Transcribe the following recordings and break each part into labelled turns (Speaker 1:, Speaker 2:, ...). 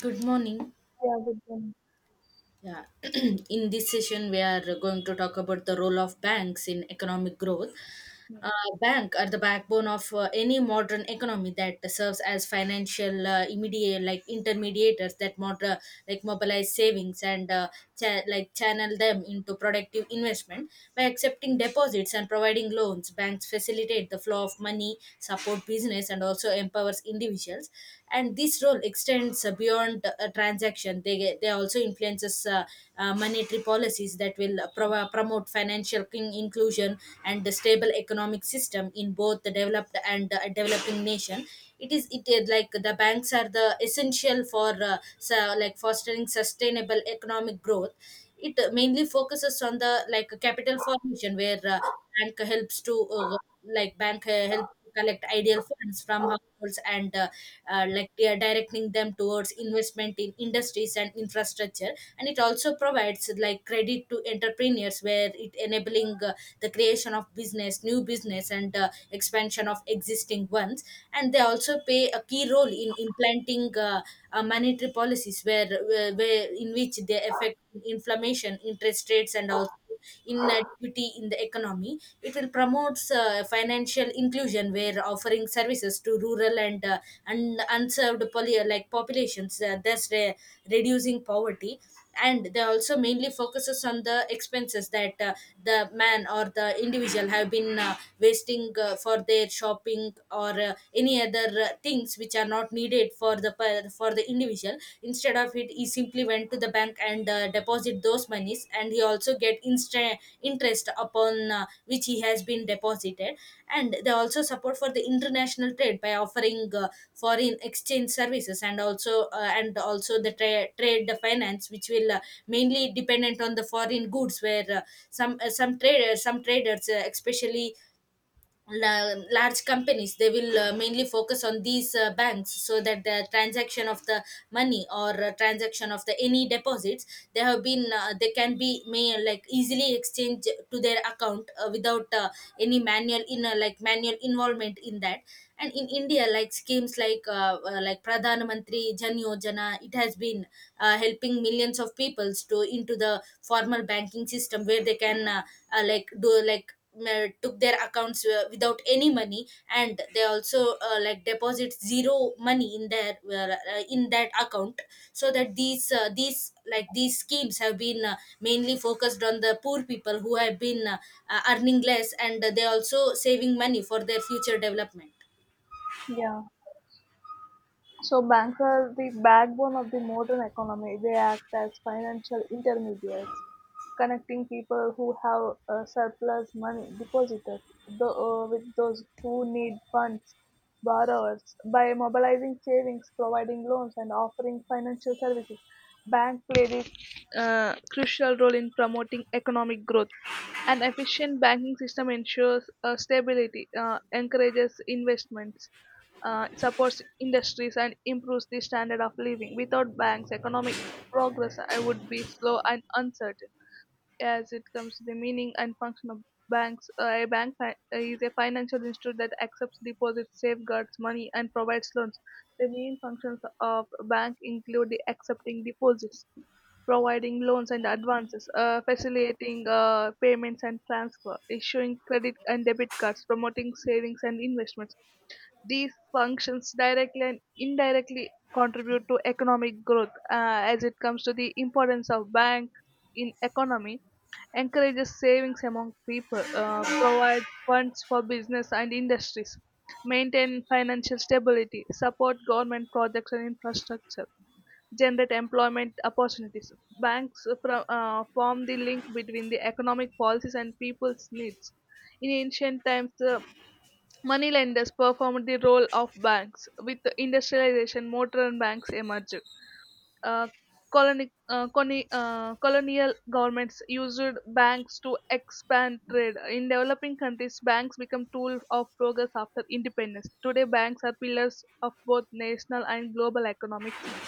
Speaker 1: Good morning.
Speaker 2: Yeah, with them.
Speaker 1: Yeah, in this session, we are going to talk about the role of banks in economic growth.
Speaker 2: Yeah.
Speaker 1: Uh, Bank are the backbone of any modern economy that serves as financial immediate like intermediators that mobilize savings and channel them into productive investment. By accepting deposits and providing loans, banks facilitate the flow of money, support business, and also empowers individuals. And this role extends beyond transaction. They also influences monetary policies that will promote financial inclusion and the stable economic system in both the developed and developing nation. It is like the banks are the essential for so like fostering sustainable economic growth. It mainly focuses on the like capital formation, where bank helps to uh, bank help collect ideal funds from households and like they are directing them towards investment in industries and infrastructure. And it also provides like credit to entrepreneurs, where it enabling the creation of business new business and expansion of existing ones. And they also play a key role in implanting monetary policies where in which they affect inflammation, interest rates, and also inequity in the economy. It will promote financial inclusion, where offering services to rural and unserved populations, thus reducing poverty. And they also mainly focuses on the expenses that the man or the individual have been wasting for their shopping or any other things which are not needed for the for the individual. Instead of it, he simply went to the bank and deposit those monies, and he also get instant interest upon which he has been deposited. And they also support for the international trade by offering foreign exchange services, and also the trade finance, which will mainly dependent on the foreign goods, where some traders, especially large companies, they will mainly focus on these banks, so that the transaction of the money or transaction of the any deposits they have been they can be may like easily exchange to their account, without any manual in like manual involvement in that. And in India, like schemes like Pradhan Mantri Jan Yojana, it has been helping millions of peoples to into the formal banking system, where they can like do like took their accounts without any money, and they also like deposit zero money in their in that account. So that these like these schemes have been mainly focused on the poor people who have been earning less, and they also saving money for their future development.
Speaker 2: Yeah. So banks are the backbone of the modern economy. They act as financial intermediaries, connecting people who have surplus money deposited with those who need funds, borrowers, by mobilizing savings, providing loans and offering financial services. Bank play this crucial role in promoting economic growth. An efficient banking system ensures stability, encourages investments, supports industries and improves the standard of living. Without banks, economic progress would be slow and uncertain. As it comes to the meaning and function of banks, a is a financial institution that accepts deposits, safeguards money, and provides loans. The main functions of a bank include the accepting deposits, providing loans and advances, facilitating payments and transfer, issuing credit and debit cards, promoting savings and investments. These functions directly and indirectly contribute to economic growth. Uh, as it comes to the importance of bank in economy, encourages savings among people, provide funds for business and industries, maintain financial stability, support government projects and infrastructure, generate employment opportunities. Banks form the link between the economic policies and people's needs. In ancient times, the money performed the role of banks. With industrialization, modern banks emerged. uh, Colonial governments used banks to expand trade. In developing countries, banks become tool of progress after independence. Today, banks are pillars of both national and global economic systems.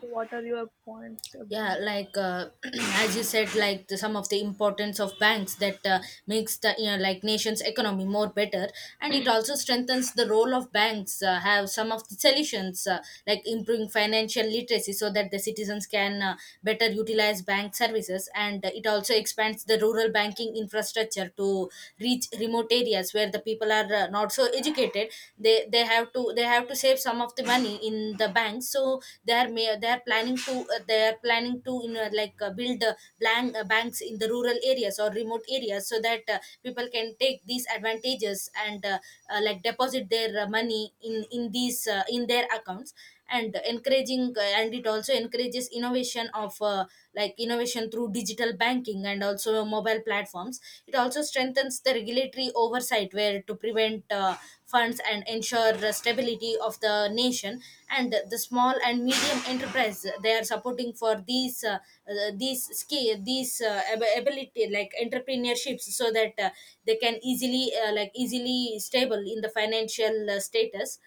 Speaker 2: What are your points about?
Speaker 1: Yeah, like as you said, like the, some of the importance of banks that makes the you know like nation's economy more better. And it also strengthens the role of banks. Uh, have some of the solutions, like improving financial literacy, so that the citizens can better utilize bank services. And it also expands the rural banking infrastructure to reach remote areas where the people are not so educated. They have to, they have to save some of the money in the bank, so they are may they are planning to they are planning to you know like build blank banks in the rural areas or remote areas, so that people can take these advantages and like deposit their money in these in their accounts. And encouraging and it also encourages innovation of innovation through digital banking and also mobile platforms. It also strengthens the regulatory oversight where to prevent funds and ensure the stability of the nation. And the small and medium enterprise, they are supporting for these skill these ability like entrepreneurships, so that they can easily easily stable in the financial status.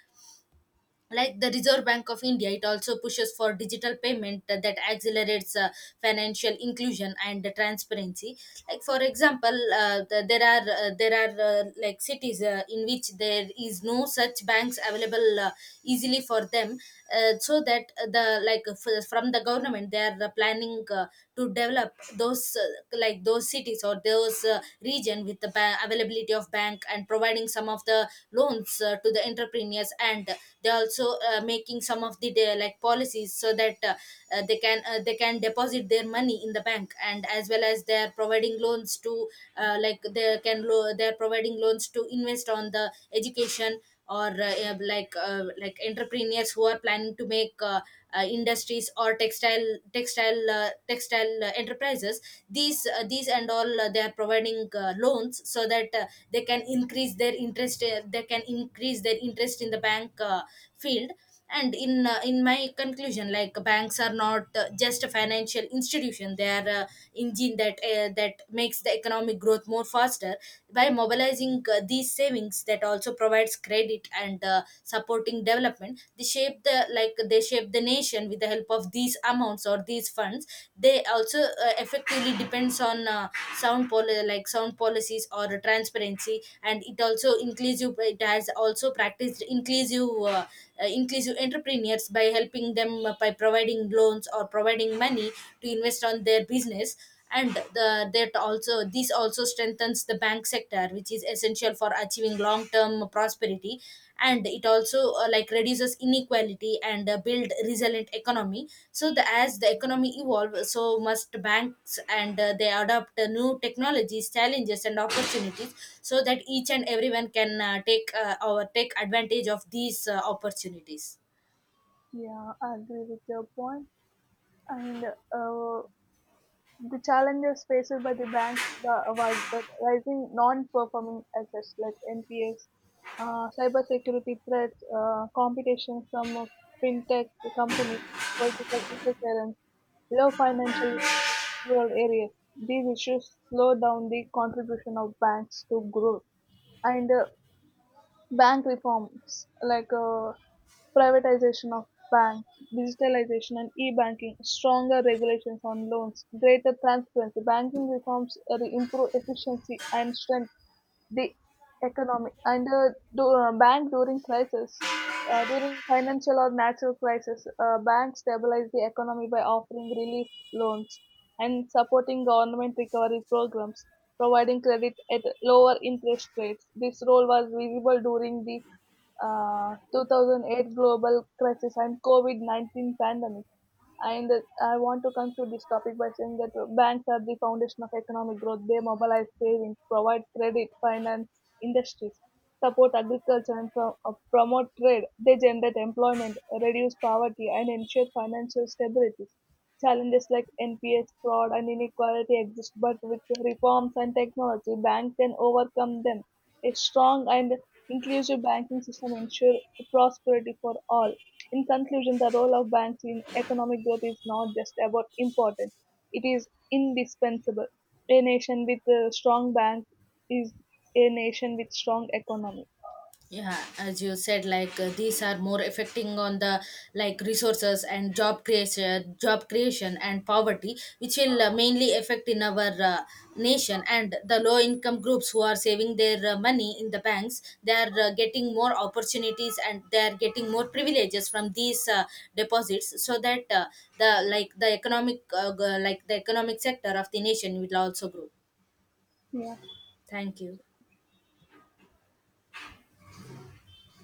Speaker 1: Like the Reserve Bank of India, it also pushes for digital payment that accelerates financial inclusion and transparency. Like for example, the, there are like cities in which there is no such banks available easily for them. Uh, so that the like from the government, they are planning to develop those like those cities or those region with the availability of bank and providing some of the loans to the entrepreneurs. And they also making some of the like policies, so that they can deposit their money in the bank, and as well as they are providing loans to they are providing loans to invest on the education or yeah, like entrepreneurs who are planning to make industries or textile enterprises. These these and all they are providing loans, so that they can increase their interest in the bank field. And in my conclusion, like banks are not just a financial institution, they are a engine that that makes the economic growth more faster by mobilizing these savings, that also provides credit and supporting development. They shape the like they shape the nation with the help of these amounts or these funds. They also effectively depends on sound sound policies or transparency. And it also inclusive, it has also practiced inclusive inclusive these entrepreneurs by helping them by providing loans or providing money to invest on their business. And the, that also this also strengthens the bank sector, which is essential for achieving long term prosperity. And it also like reduces inequality and build resilient economy. So the, as the economy evolve, so must banks, and they adopt new technologies, challenges, and opportunities, so that each and everyone can take or take advantage of these opportunities.
Speaker 2: Yeah, I agree with your point. And uh, The challenges faced by the banks was that rising non-performing assets like NPAs, cybersecurity threats, competition from fintech companies, political interference, low financial literacy in rural areas. These issues slow down the contribution of banks to growth. And Bank reforms like privatization of banks, digitalization and e-banking, stronger regulations on loans, greater transparency. Banking reforms improve efficiency and strengthen the economy. Bank during crisis, during financial or natural crisis, banks stabilize the economy by offering relief loans and supporting government recovery programs, providing credit at lower interest rates. This role was visible during the 2008 global crisis and covid-19 pandemic. And I want to conclude this topic by saying that banks are the foundation of economic growth. They mobilize savings, provide credit, finance industries, support agriculture, and promote trade. They generate employment, reduce poverty, and ensure financial stability. Challenges like NPS, fraud, and inequality exist, but with reforms and technology, banks can overcome them. A strong and inclusive banking system ensures prosperity for all. In conclusion, the role of banks in economic growth is not just about important, it is indispensable. A nation with a strong bank is a nation with strong economy.
Speaker 1: Yeah, as you said, like these are more affecting on the like resources and job creation, and poverty, which will mainly affect in our nation. And the low income groups who are saving their money in the banks, they are getting more opportunities, and they are getting more privileges from these deposits. So that the like the economic the economic sector of the nation will also grow.
Speaker 2: Yeah.
Speaker 1: Thank you.